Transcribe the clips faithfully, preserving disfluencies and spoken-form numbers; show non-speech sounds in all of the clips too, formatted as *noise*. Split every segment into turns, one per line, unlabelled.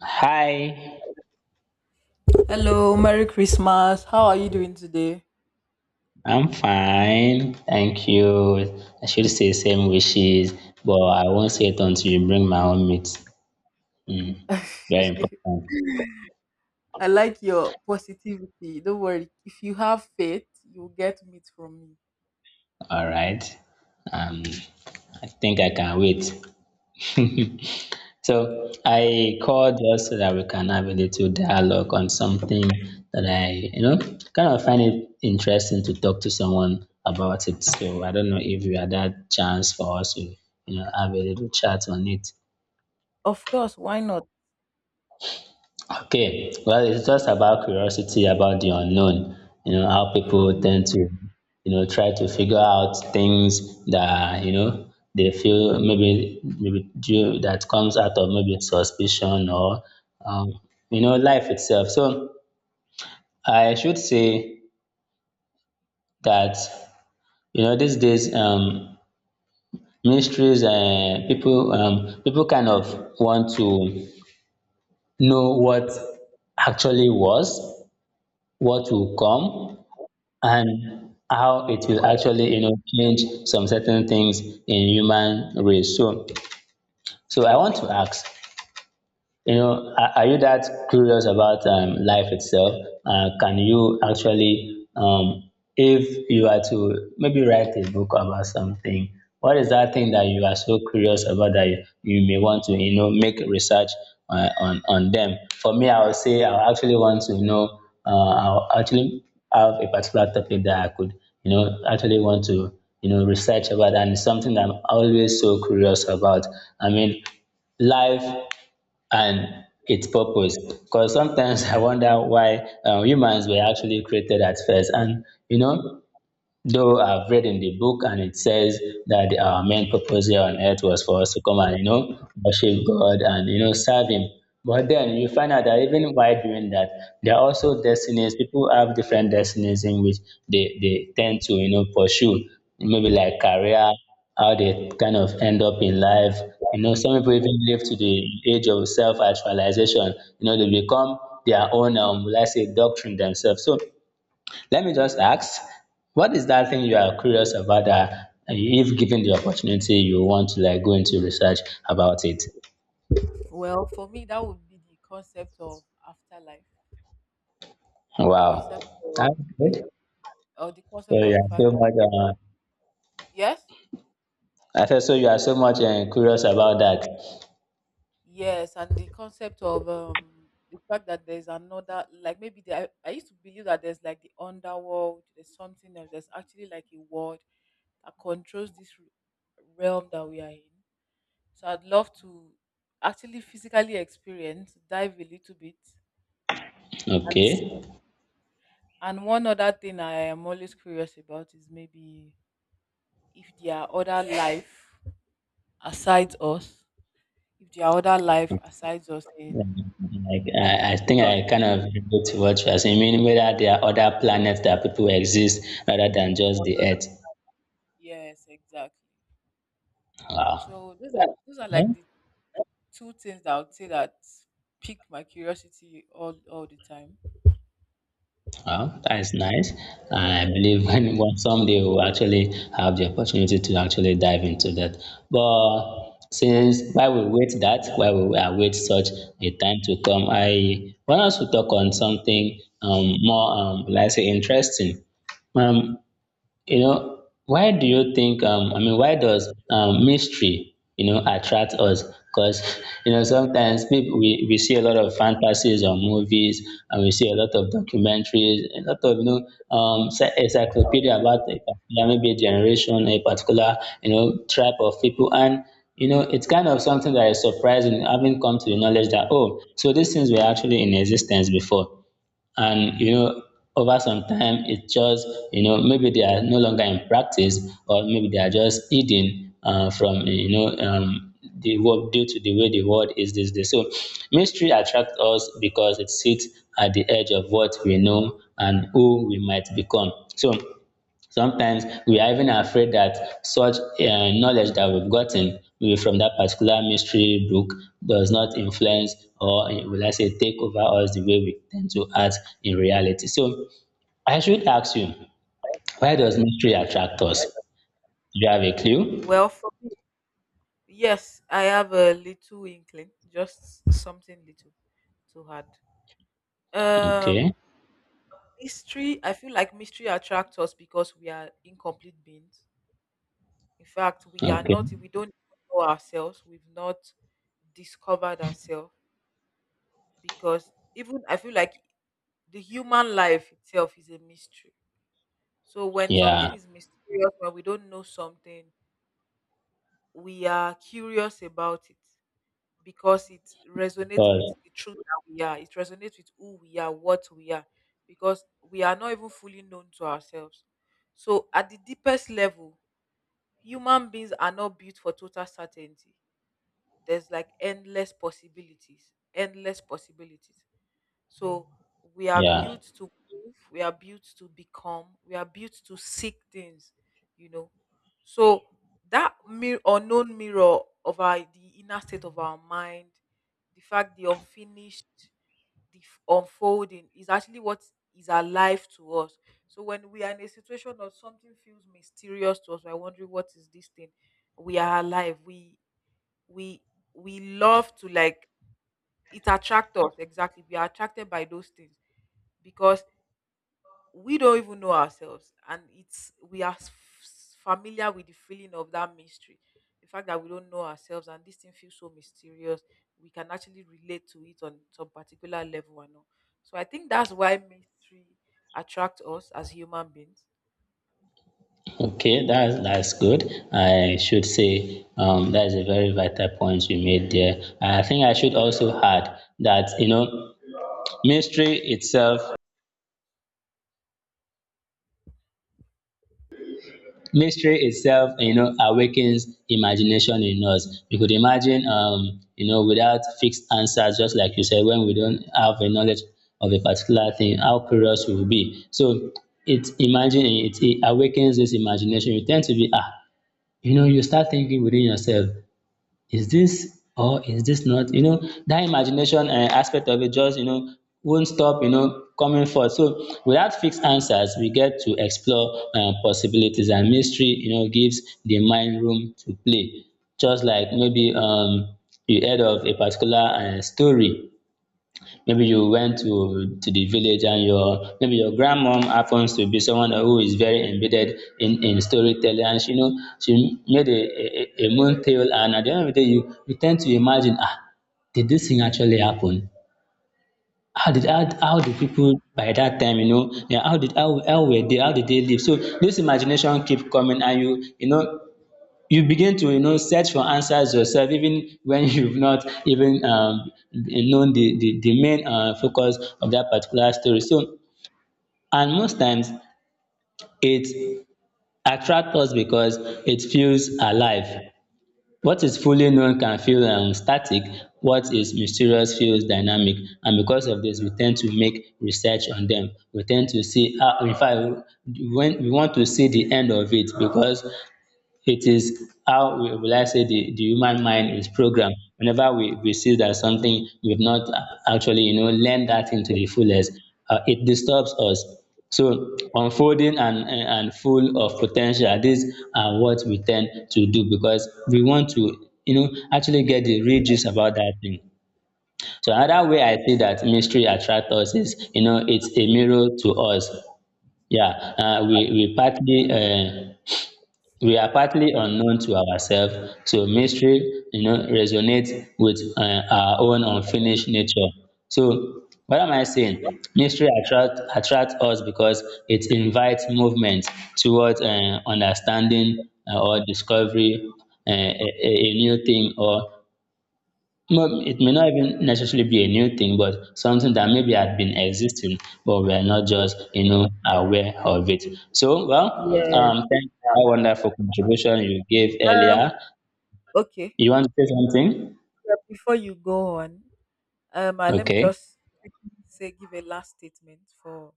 Hi,
Hello, Merry Christmas. How are you doing today?
I'm fine. Thank you. I should say same wishes, but I won't say it until you bring my own meat. Mm, Very
*laughs*
important.
I like your positivity. Don't worry. If you have faith, you'll get meat from me.
All right. Um, I think I can wait. So I called just so that we can have a little dialogue on something that I, you know, kind of find it interesting to talk to someone about it. So I don't know if you had that chance for us to, you know, have a little chat on it.
Of course, why not?
Okay, well, it's just about curiosity about the unknown. You know, how people
Mm.
tend to, you know, try to figure out things that, you know, they feel maybe maybe due, that comes out of maybe suspicion or, um, you know, life itself. So I should say that, you know, these days, um, mysteries and people, um, people kind of want to know what actually was, what will come and how it will actually you know change some certain things in human race, so so i want to ask you know, are, are you that curious about um, life itself? Uh, can you actually, um, if you are to maybe write a book about something, what is that thing that you are so curious about that you, you may want to, you know, make research uh, on on them? For me, I would say I actually want to know. Uh, I'll actually have a particular topic that I could, you know, actually want to, you know, research about, and it's something that I'm always so curious about. I mean, life and its purpose. Because sometimes I wonder why um, humans were actually created at first. And you know, Though I've read in the book and it says that our main purpose here on earth was for us to come and, you know, worship God and, you know, serve Him. But then you find out that even while doing that, there are also destinies. People have different destinies in which they, they tend to, you know, pursue. Maybe like career, how they kind of end up in life. You know, some people even live to the age of self-actualization. You know, they become their own, um, will I say, doctrine themselves. So let me just ask, what is that thing you are curious about that uh, if given the opportunity, you want to like go into research about it?
Well, for me, that would be the concept of afterlife, the
Wow.
concept
That's
of
good.
the or the
So
concept
you
of the
are
fact
so
that
much uh,
yes.
I said so you are so much uh, curious about that.
Yes, and the concept of um the fact that there's another like maybe there I, I used to believe that there's like the underworld, there's something else, there's actually like a world that controls this r- realm that we are in. So I'd love to actually physically experience, dive a little bit and see.
Okay.
And one other thing I am always curious about is maybe if there are other life aside us, if there are other life aside us in,
Like I, I
in
think I kind of relate to what you are saying. I mean, whether there are other planets that people exist rather than just the
another-
earth.
yes, exactly.
Wow.
So those are those are like the two things that I would say that pique my curiosity all all the time.
Well, that is nice. And I believe *laughs* when, when someday we'll actually have the opportunity to actually dive into that. But since while we wait that, while we await such a time to come, I want us to talk on something um, more, um, let's say, interesting. Um, you know, why do you think, um, I mean, why does um, mystery, you know, attract us? Because, *laughs* you know, sometimes people, we, we see a lot of fantasies on movies and we see a lot of documentaries, a lot of, you know, um, se- encyclopedia about a particular, maybe a generation, a particular, you know, tribe of people. And, you know, it's kind of something that is surprising, having come to the knowledge that, oh, so these things were actually in existence before, and you know over some time it just you know maybe they are no longer in practice, or maybe they are just hidden uh, from you know um, the world due to the way the world is these days. So mystery attracts us because it sits at the edge of what we know and who we might become. So sometimes we are even afraid that such uh, knowledge that we've gotten maybe from that particular mystery book does not influence or eh, will I say, take over us the way we tend to act in reality. So I should ask you, why does mystery attract us? Do you have a clue?
Well, for me, yes, I have a little inkling, just something little to add. Um,
Okay.
Mystery, I feel like mystery attracts us because we are incomplete beings. In fact, we are
Okay.
not, we don't know ourselves, we've not discovered ourselves because even I feel like the human life itself is a mystery. So when something
Yeah.
is mysterious, when we don't know something, we are curious about it because it resonates with
Well,
the truth that we are. It resonates with who we are, what we are, because we are not even fully known to ourselves. So at the deepest level, human beings are not built for total certainty, there's like endless possibilities, endless possibilities. So we are
yeah.
built to move, we are built to become, we are built to seek things, you know. So that mirror unknown mirror of our the inner state of our mind, the fact the unfinished, the f- unfolding is actually what is alive to us. So when we are in a situation or something feels mysterious to us, we're wondering what is this thing. We are alive. We we we love to like it attracts us exactly, we are attracted by those things because we don't even know ourselves and it's we are s- familiar with the feeling of that mystery, the fact that we don't know ourselves and this thing feels so mysterious, we can actually relate to it on some particular level and all. So I think that's why mystery attracts us as human beings.
Okay, that's that's good. I should say um, that is a very vital point you made there. I think I should also add that you know mystery itself mystery itself you know awakens imagination in us. We could imagine um you know without fixed answers, just like you said, when we don't have a knowledge of a particular thing, how curious we will be. So it, imagine it, it awakens this imagination. You tend to be ah you know you start thinking within yourself, is this or is this not? You know, that imagination uh, aspect of it just, you know, won't stop, you know, coming forth. So without fixed answers, we get to explore um, possibilities, and mystery, you know, gives the mind room to play. Just like maybe um, you heard of a particular uh, story. Maybe you went to to the village, and your maybe your grandmom happens to be someone who is very embedded in in storytelling, and she know she made a a, a a moon tale, and at the end of the day you you tend to imagine, ah did this thing actually happen? How did how, how did people, by that time you know yeah, how did how how were they how did they live? So this imagination keep coming, and you you know you begin to you know search for answers yourself, even when *laughs* you've not even um, known the, the, the main uh, focus of that particular story. So, and most times, it attracts us because it feels alive. What is fully known can feel um, static. What is mysterious feels dynamic, and because of this, we tend to make research on them. We tend to see ah in fact, when we want to see the end of it, because it is how, we will I say, the, the human mind is programmed. Whenever we, we see that something we've not actually, you know, learned that into the fullest, uh, it disturbs us. So, unfolding, and, and full of potential, these are what we tend to do because we want to, you know, actually get the real gist about that thing. So another way I see that mystery attracts us is, you know, it's a mirror to us. Yeah, uh, we, we partly uh, we are partly unknown to ourselves, so mystery you know resonates with um our own unfinished nature. So what am I saying? Mystery attract attract us because it invites movement towards um understanding um or discovery um a a a new thing. Or well, it may not even necessarily be a new thing, but something that maybe had been existing, but we are not just, you know, aware of it. So, well,
Yes.
um, thank you for that wonderful contribution you gave earlier.
Okay.
You want to say something?
Yeah, before you go on, um uh, let me
Okay.
just say give a last statement for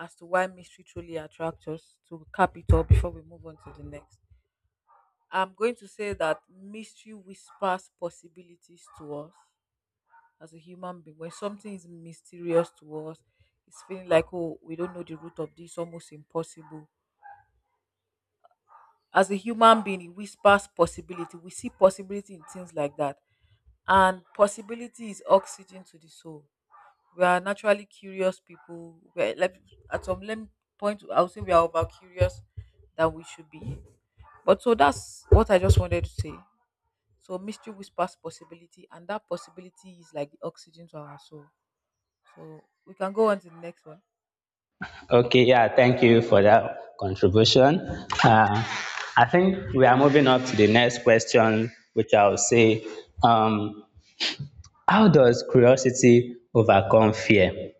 as to why mystery truly attracts us to cap it all before we move on to the next. I'm going to say that mystery whispers possibilities to us as a human being. When something is mysterious to us, it's feeling like, oh, we don't know the root of this, almost impossible. As a human being, it whispers possibility. We see possibility in things like that. And possibility is oxygen to the soul. We are naturally curious people. We're, like, at some lem- point, I would say we are over curious than we should be. But so that's what I just wanted to say. So mystery whispers possibility, and that possibility is like the oxygen to our soul. So we can go on to the next one.
Okay, yeah, thank you for that contribution. Uh, I think we are moving up to the next question, which I'll say, um, how does curiosity overcome fear?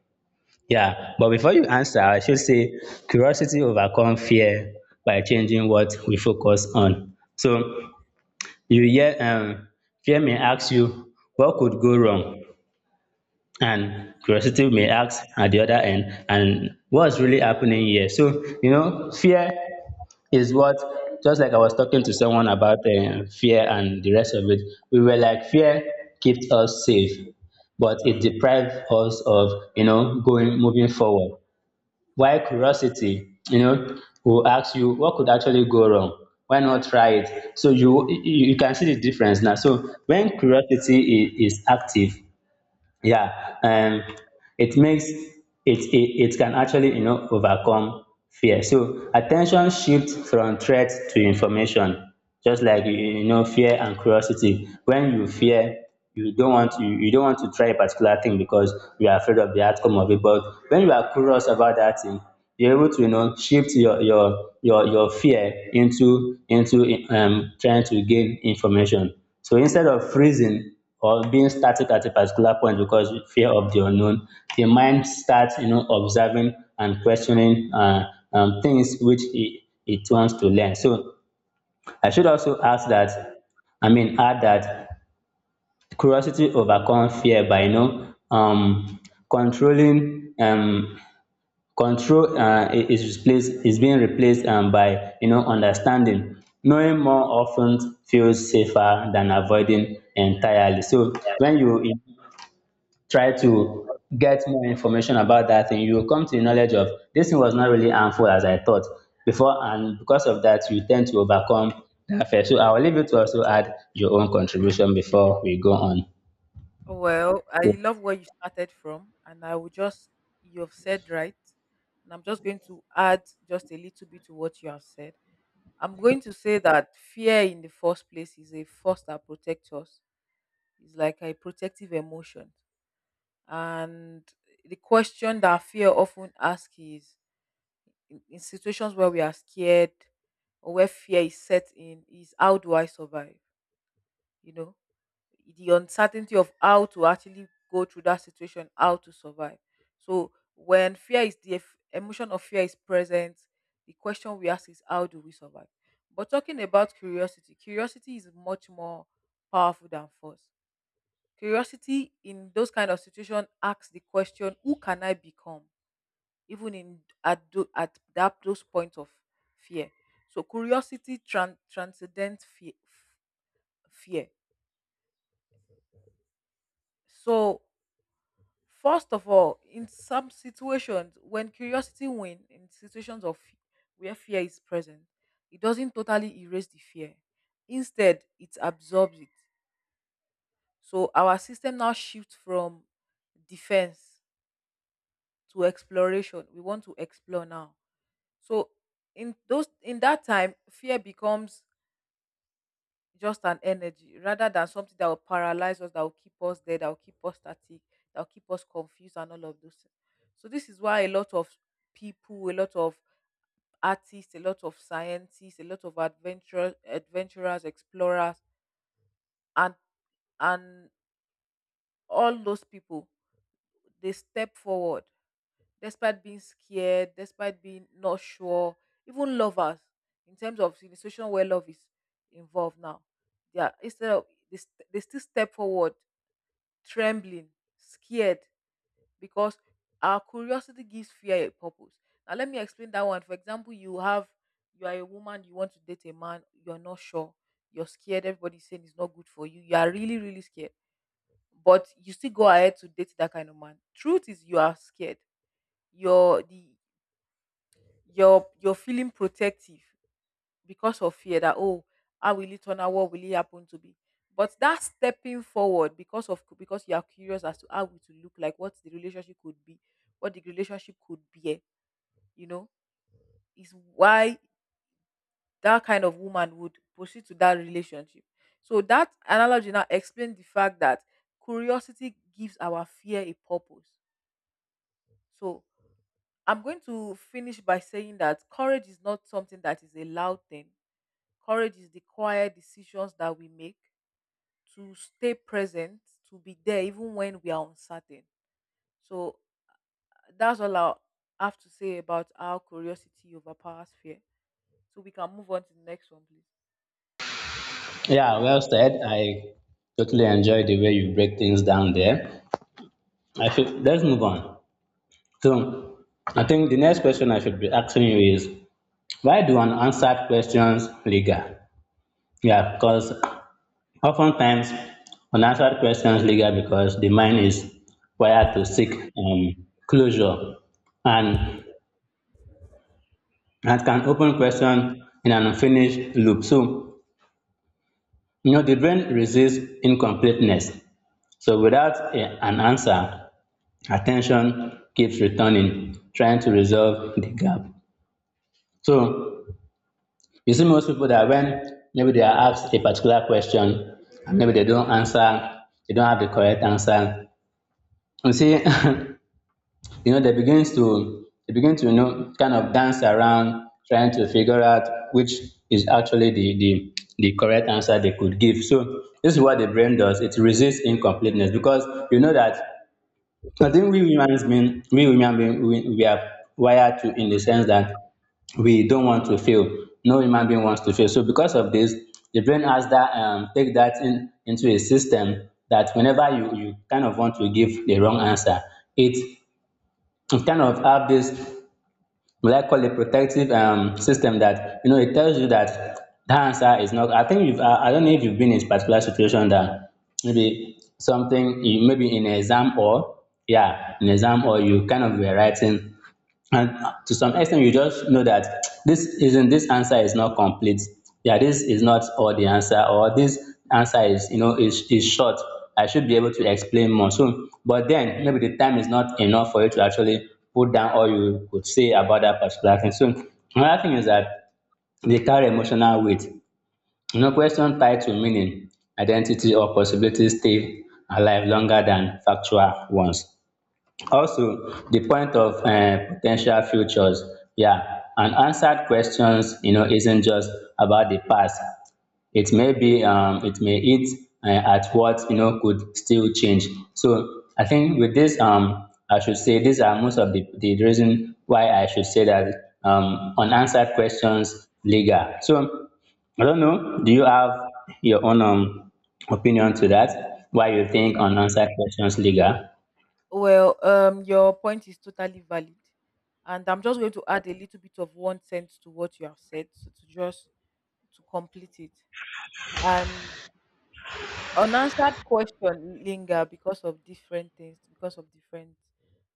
Yeah, but before you answer, I should say curiosity overcome fear by changing what we focus on. So you hear um, fear may ask you what could go wrong, and curiosity may ask, at the other end, and what's really happening here? So, you know, fear is what, just like I was talking to someone about um, fear and the rest of it. We were like, fear keeps us safe, but it deprives us of you know going moving forward, while curiosity you know will ask you, what could actually go wrong, why not try it? So you you you can see the difference now. So when curiosity is, is active, yeah, um it makes it, it it can actually you know overcome fear. So attention shifts from threat to information, just like, you, you know, fear and curiosity. When you fear, you don't want you, you don't want to try a particular thing because you are afraid of the outcome of it. But when you are curious about that thing, you're able to, you know, shift your your your your fear into into um trying to gain information. So instead of freezing or being static at a particular point because fear of the unknown, the mind starts, you know, observing and questioning uh, um, things which it, it wants to learn. So I should also ask that, I mean, add that curiosity overcome fear by, you know, um, controlling, um, control uh, I- is replaced, is being replaced um, by, you know, understanding. Knowing more often feels safer than avoiding entirely. So when you try to get more information about that thing, you will come to the knowledge of, this thing was not really harmful as I thought before, and because of that, you tend to overcome that fear. So I will leave you to also add your own contribution before we go on.
Well, I love where you started from, and I will just you have said right, and I'm just going to add just a little bit to what you have said. I'm going to say that fear in the first place is a force that protects us. It's like a protective emotion. And the question that fear often asks is in, in situations where we are scared or where fear is set in, is how do I survive? You know, the uncertainty of how to actually go through that situation, how to survive. So when fear is the eff- emotion of fear is present, the question we ask is how do we survive? But talking about curiosity, curiosity is much more powerful than force. Curiosity in those kind of situation asks the question, who can I become? Even in at, tho- at that those points of fear. So curiosity tran- transcends fear, fear. So first of all, in some situations, when curiosity wins, in situations of where fear is present, it doesn't totally erase the fear. Instead, it absorbs it. So our system now shifts from defense to exploration. We want to explore now. So in those in that time, fear becomes just an energy rather than something that will paralyze us, that will keep us there, that will keep us static, that will keep us confused and all of those things. So this is why a lot of people, a lot of artists, a lot of scientists, a lot of adventurers, adventurers, explorers, and and all those people they step forward despite being scared, despite being not sure, even lovers, in terms of the situation where love is involved now, they are instead of they, st- they still step forward, trembling, scared, because our curiosity gives fear a purpose. Now let me explain that one. For example, you have you are a woman, you want to date a man, you're not sure, you're scared, everybody's saying it's not good for you, you are really, really scared. But you still go ahead to date that kind of man. Truth is you are scared, your the you're you're feeling protective because of fear that oh how will it turn out, what will it happen to be, but that stepping forward because of because you are curious as to how it will look like, what the relationship could be, what the relationship could be, you know, is why that kind of woman would proceed to that relationship. So that analogy now explains the fact that curiosity gives our fear a purpose. So I'm going to finish by saying that courage is not something that is a loud thing. Courage is the quiet decisions that we make to stay present, to be there even when we are uncertain. So that's all I have to say about how curiosity overpowers fear. So we can move on to the next one, please.
Yeah, well said. I totally enjoy the way you break things down there. I should let's move on. So I think the next question I should be asking you is, why do unanswered questions linger? Yeah, because oftentimes, unanswered questions linger because the mind is wired to seek um, closure, and that can open question in an unfinished loop. So, you know, the brain resists incompleteness. So without a- an answer, attention keeps returning, trying to resolve the gap. So you see most people that when maybe they are asked a particular question and maybe they don't answer, they don't have the correct answer. You see, *laughs* you know, they begin to they begin to you know kind of dance around trying to figure out which is actually the the the correct answer they could give. So this is what the brain does. It resists incompleteness because you know that I think we humans mean we human being we, we are wired to in the sense that we don't want to fail. No human being wants to fail. So because of this, the brain has that um take that in into a system that whenever you you kind of want to give the wrong answer, it it kind of have this what I call a protective um system that you know it tells you that the answer is not. I think you've I, I don't know if you've been in a particular situation that maybe something you maybe in exam or yeah in exam or you kind of were writing, and to some extent you just know that this isn't this answer is not complete, yeah, this is not all the answer, or this answer is you know is, is short. I should be able to explain more so, but then maybe the time is not enough for you to actually put down all you could say about that particular thing. So another thing is that they carry emotional weight. You know question tied to meaning, identity or possibility stay alive longer than factual ones. Also, the point of um, potential futures, yeah, unanswered questions, you know, isn't just about the past. It may be, um, it may hit uh, at what you know could still change. So I think with this, um, I should say these are most of the the reason why I should say that um, unanswered questions legal. So I don't know. Do you have your own um, opinion to that? Why you think unanswered questions legal?
Well, um, your point is totally valid, and I'm just going to add a little bit of one sense to what you have said, so to just to complete it. And unanswered question linger because of different things, because of different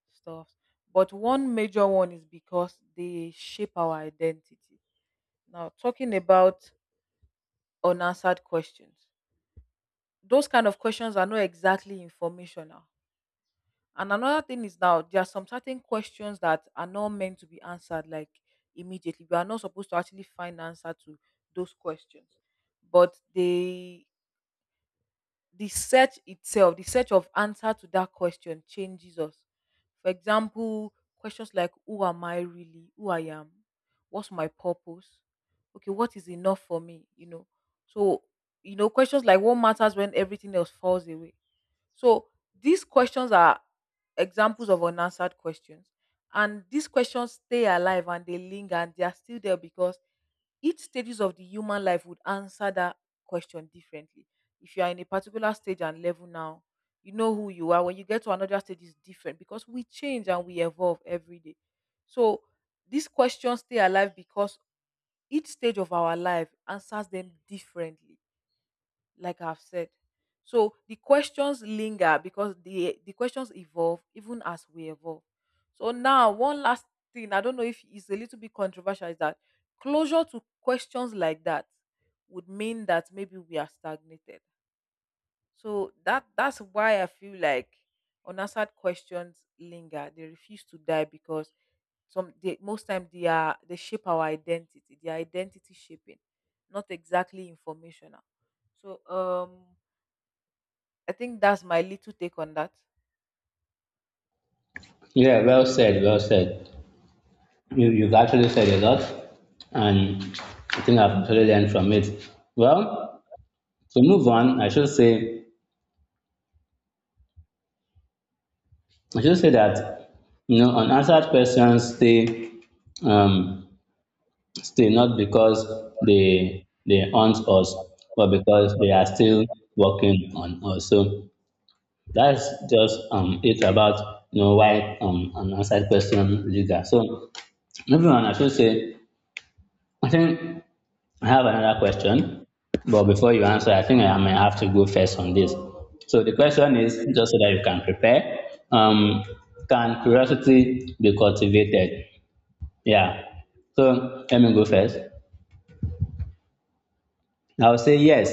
stuff, but one major one is because they shape our identity. Now talking about unanswered questions, those kind of questions are not exactly informational. And another thing is now there are some certain questions that are not meant to be answered, like immediately we are not supposed to actually find answer to those questions, but they the search itself, the search of answer to that question changes us. For example, questions like who am I really? Who I am? What's my purpose? Okay, what is enough for me? You know. So, you know, questions like what matters when everything else falls away. So these questions are examples of unanswered questions. And these questions stay alive and they linger and they are still there because each stages of the human life would answer that question differently. If you are in a particular stage and level now, you know who you are. When you get to another stage, it's different because we change and we evolve every day. So these questions stay alive because each stage of our life answers them differently, like I've said. So the questions linger because the the questions evolve even as we evolve. So now one last thing, I don't know if it's a little bit controversial, is that closure to questions like that would mean that maybe we are stagnated. So that that's why I feel like unanswered questions linger. They refuse to die because some they, most time they are they shape our identity. They are identity shaping, not exactly informational. So um I think that's my little take on that.
Yeah, well said, well said. You, you've actually said a lot, and I think I've actually learned from it. Well, to move on, I should say, I should say that you know, unanswered questions stay, um, stay not because they they haunt us, but because they are still working on us. So that's just um it about you know why um unanswered question linger. So moving on, I should say, I think I have another question, but before you answer, I think I may have to go first on this. So the
Okay.
question is, just so that you can prepare, um, can curiosity be cultivated? Yeah. So let me go first. I would say yes,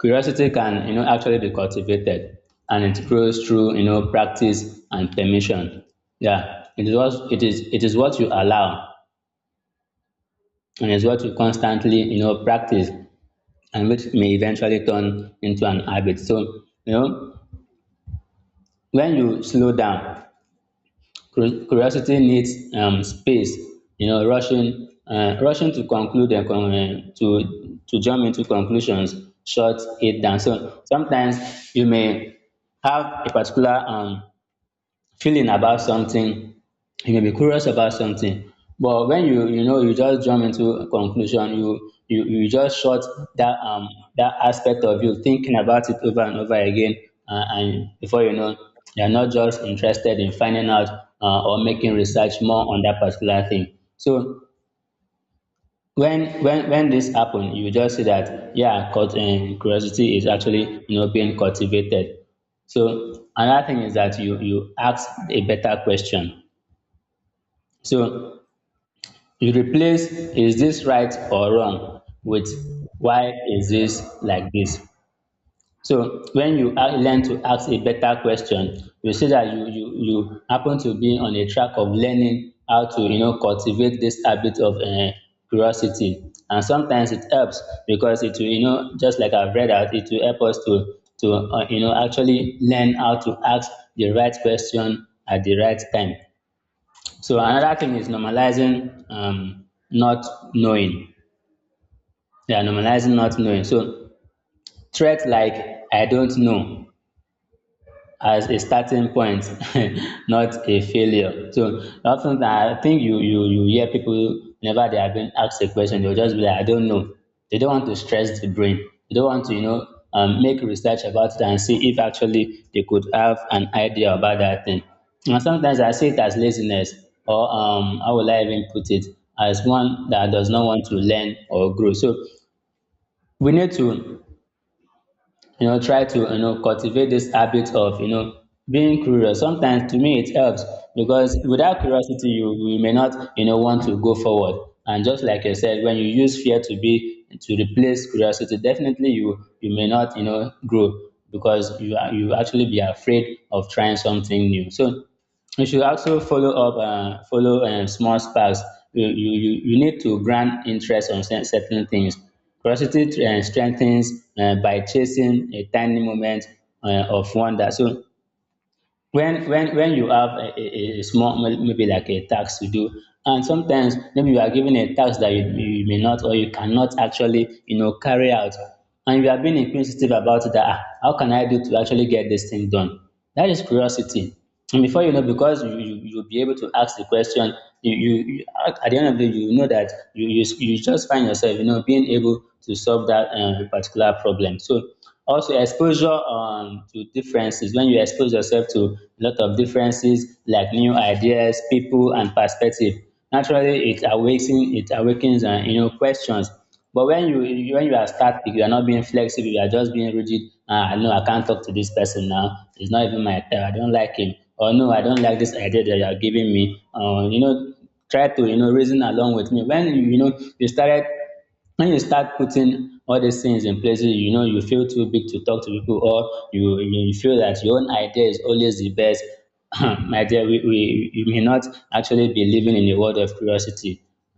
curiosity can, you know, actually be cultivated, and it grows through, you know, practice and permission. Yeah, it is what it is. It is what you allow, and it's what you constantly, you know, practice and which may eventually turn into an habit. So, you know, when you slow down, cur- curiosity needs um, space. You know, rushing, uh, rushing to conclude and con- uh, to to jump into conclusions shuts it down. So sometimes you may have a particular um, feeling about something, you may be curious about something. But when you you know you just jump into a conclusion, you you you just shut that um that aspect of you thinking about it over and over again, uh, and before you know, you're not just interested in finding out uh, or making research more on that particular thing. So when when when this happen you just see that yeah cult, um, curiosity is actually you know being cultivated. So another thing is that you you ask a better question. So you replace is this right or wrong with why is this like this. So when you a- learn to ask a better question, you see that you you you happen to be on a track of learning how to you know cultivate this habit of uh, curiosity. And sometimes it helps because it will you know just like I've read out, it will help us to to uh, you know actually learn how to ask the right question at the right time. So another thing is normalizing um, not knowing. Yeah, normalizing not knowing. So threats like I don't know as a starting point, *laughs* not a failure. So often I think you you you hear people whenever they are being asked a question, they'll just be like, I don't know. They don't want to stress the brain. They don't want to, you know, um, make research about it and see if actually they could have an idea about that thing. And sometimes I see it as laziness, or um, how will I even put it, as one that does not want to learn or grow. So we need to you know try to you know cultivate this habit of you know being curious. Sometimes to me it helps because without curiosity you you may not you know want to go forward, and just like I said, when you use fear to be to replace curiosity, definitely you you may not you know grow, because you are you actually be afraid of trying something new. So you should also follow up uh, follow um, small sparks. you, you you you need to grant interest on cer- certain things. Curiosity um strengthens um by chasing a tiny moment um of wonder. So when when when you have a, a, a small maybe like a tax to do, and sometimes maybe you are given a tax that you, you may not or you cannot actually you know carry out, and you are being inquisitive about that, ah, how can I do to actually get this thing done? That is curiosity. And before you know, because you, you you'll be able to ask the question, you, you you at at the end of the day you know that you you, you just find yourself you know being able to solve that uh, particular problem. So also, exposure um, to differences. When you expose yourself to a lot of differences, like new ideas, people, and perspective, naturally it awakens it awakens uh, you know questions. But when you you- when you are static, you are not being flexible. You are just being rigid. Ah, no, I can't talk to this person now. It's not even my type. I don't like him. Or no, I don't like this idea that you are giving me. Uh, you know, try to you know reason along with me. When you you know you started when you start putting all these things in places, you know you feel too big to talk to people, or you you you feel that your own idea is always the best. *clears throat* My dear we, we you may not actually be living in a world of curiosity,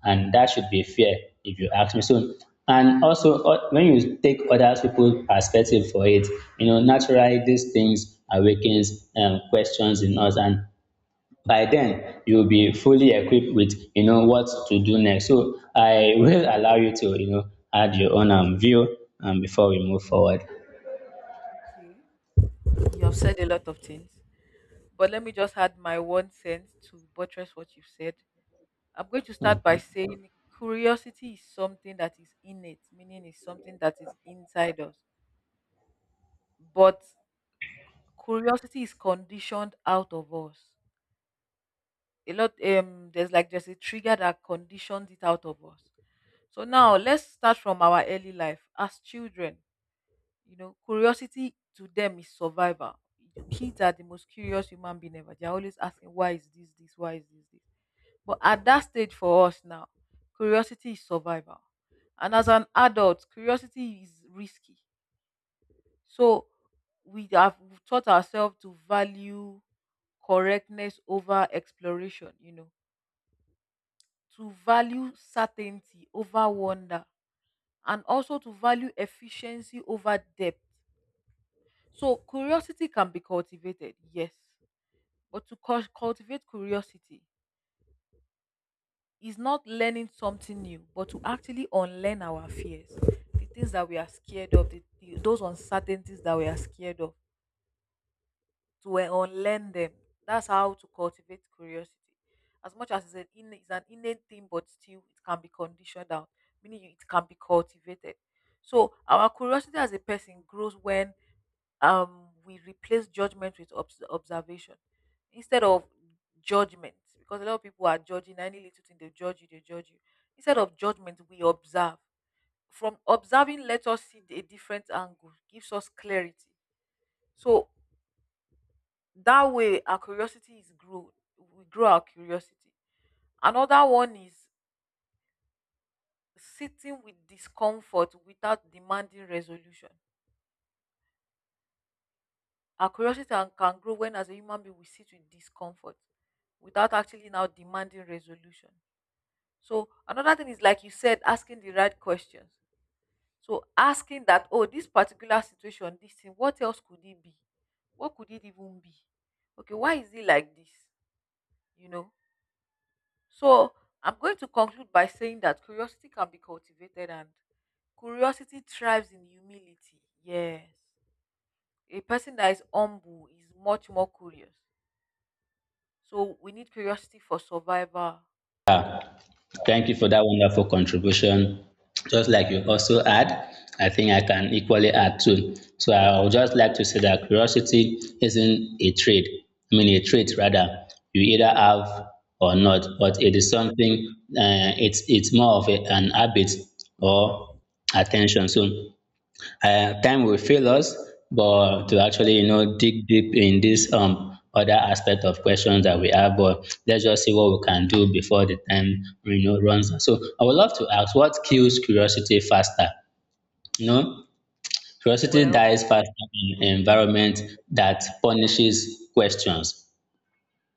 and that should be fair if you ask me. So and also uh, when you take other people's perspective for it, you know naturally these things awakens um, questions in us, and by then you'll be fully equipped with you know what to do next. So I will allow you to you know add your own um, view um, before we move forward.
Okay. You have said a lot of things, but let me just add my one cent to buttress what you've said. I'm going to start by saying curiosity is something that is innate, meaning it's something that is inside us. But curiosity is conditioned out of us a lot. Um there's like there's a trigger that conditions it out of us. So now let's start from our early life as children. You know, curiosity to them is survival. Kids are the most curious human being ever, they're always asking why is this this, why is this this. But at that stage for us now, curiosity is survival. And as an adult, curiosity is risky. So we have taught ourselves to value correctness over exploration, you know, to value certainty over wonder, and also to value efficiency over depth. So curiosity can be cultivated, yes, but to cul- cultivate curiosity is not learning something new, but to actually unlearn our fears, the things that we are scared of, the, the- those uncertainties that we are scared of to uh, unlearn them. That's how to cultivate curiosity. As much as it's an, in, it's an innate thing, but still it can be conditioned out, meaning it can be cultivated. So our curiosity as a person grows when um, we replace judgment with obs- observation instead of judgment, because a lot of people are judging any little thing, they judge you, they judge you. Instead of judgment, we observe. From observing, let us see a different angle, gives us clarity. So that way our curiosity is grow, we grow our curiosity. Another one is sitting with discomfort without demanding resolution. Our curiosity can, can grow when as a human being we sit with discomfort without actually now demanding resolution. So another thing is like you said asking the right questions. So asking that oh this particular situation this thing what else could it be, what could it even be, okay why is it like this, you know. So I'm going to conclude by saying that curiosity can be cultivated and curiosity thrives in humility. Yes. A person that is humble is much more curious. So we need curiosity for survival.
Thank you for that wonderful contribution. Just like you also add, I think I can equally add too. So I would just like to say that curiosity isn't a trade, I mean a trait rather. You either have or not, but it is something uh, it's it's more of a, an habit or attention. So uh, time will fail us, but to actually, you know, dig deep in this um other aspect of questions that we have, but let's just see what we can do before the time you know runs out. So I would love to ask, what kills curiosity faster? You know, curiosity
Well,
dies faster in an environment that punishes questions.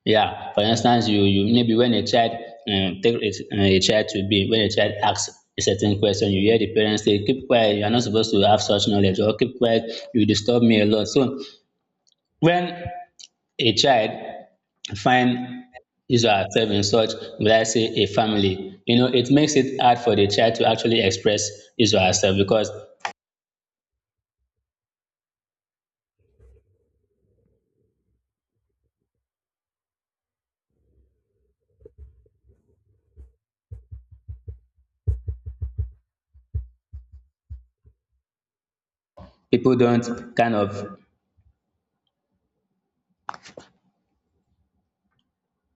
Yeah, for instance, you you maybe when a child um, take a, a child to be when a child asks a certain question, you hear the parents say, "Keep quiet. You are not supposed to have such knowledge," or "Keep quiet. You disturb me a lot." So when a child find his or herself in such, will I say, a family, you know, it makes it hard for the child to actually express his or herself because people don't kind of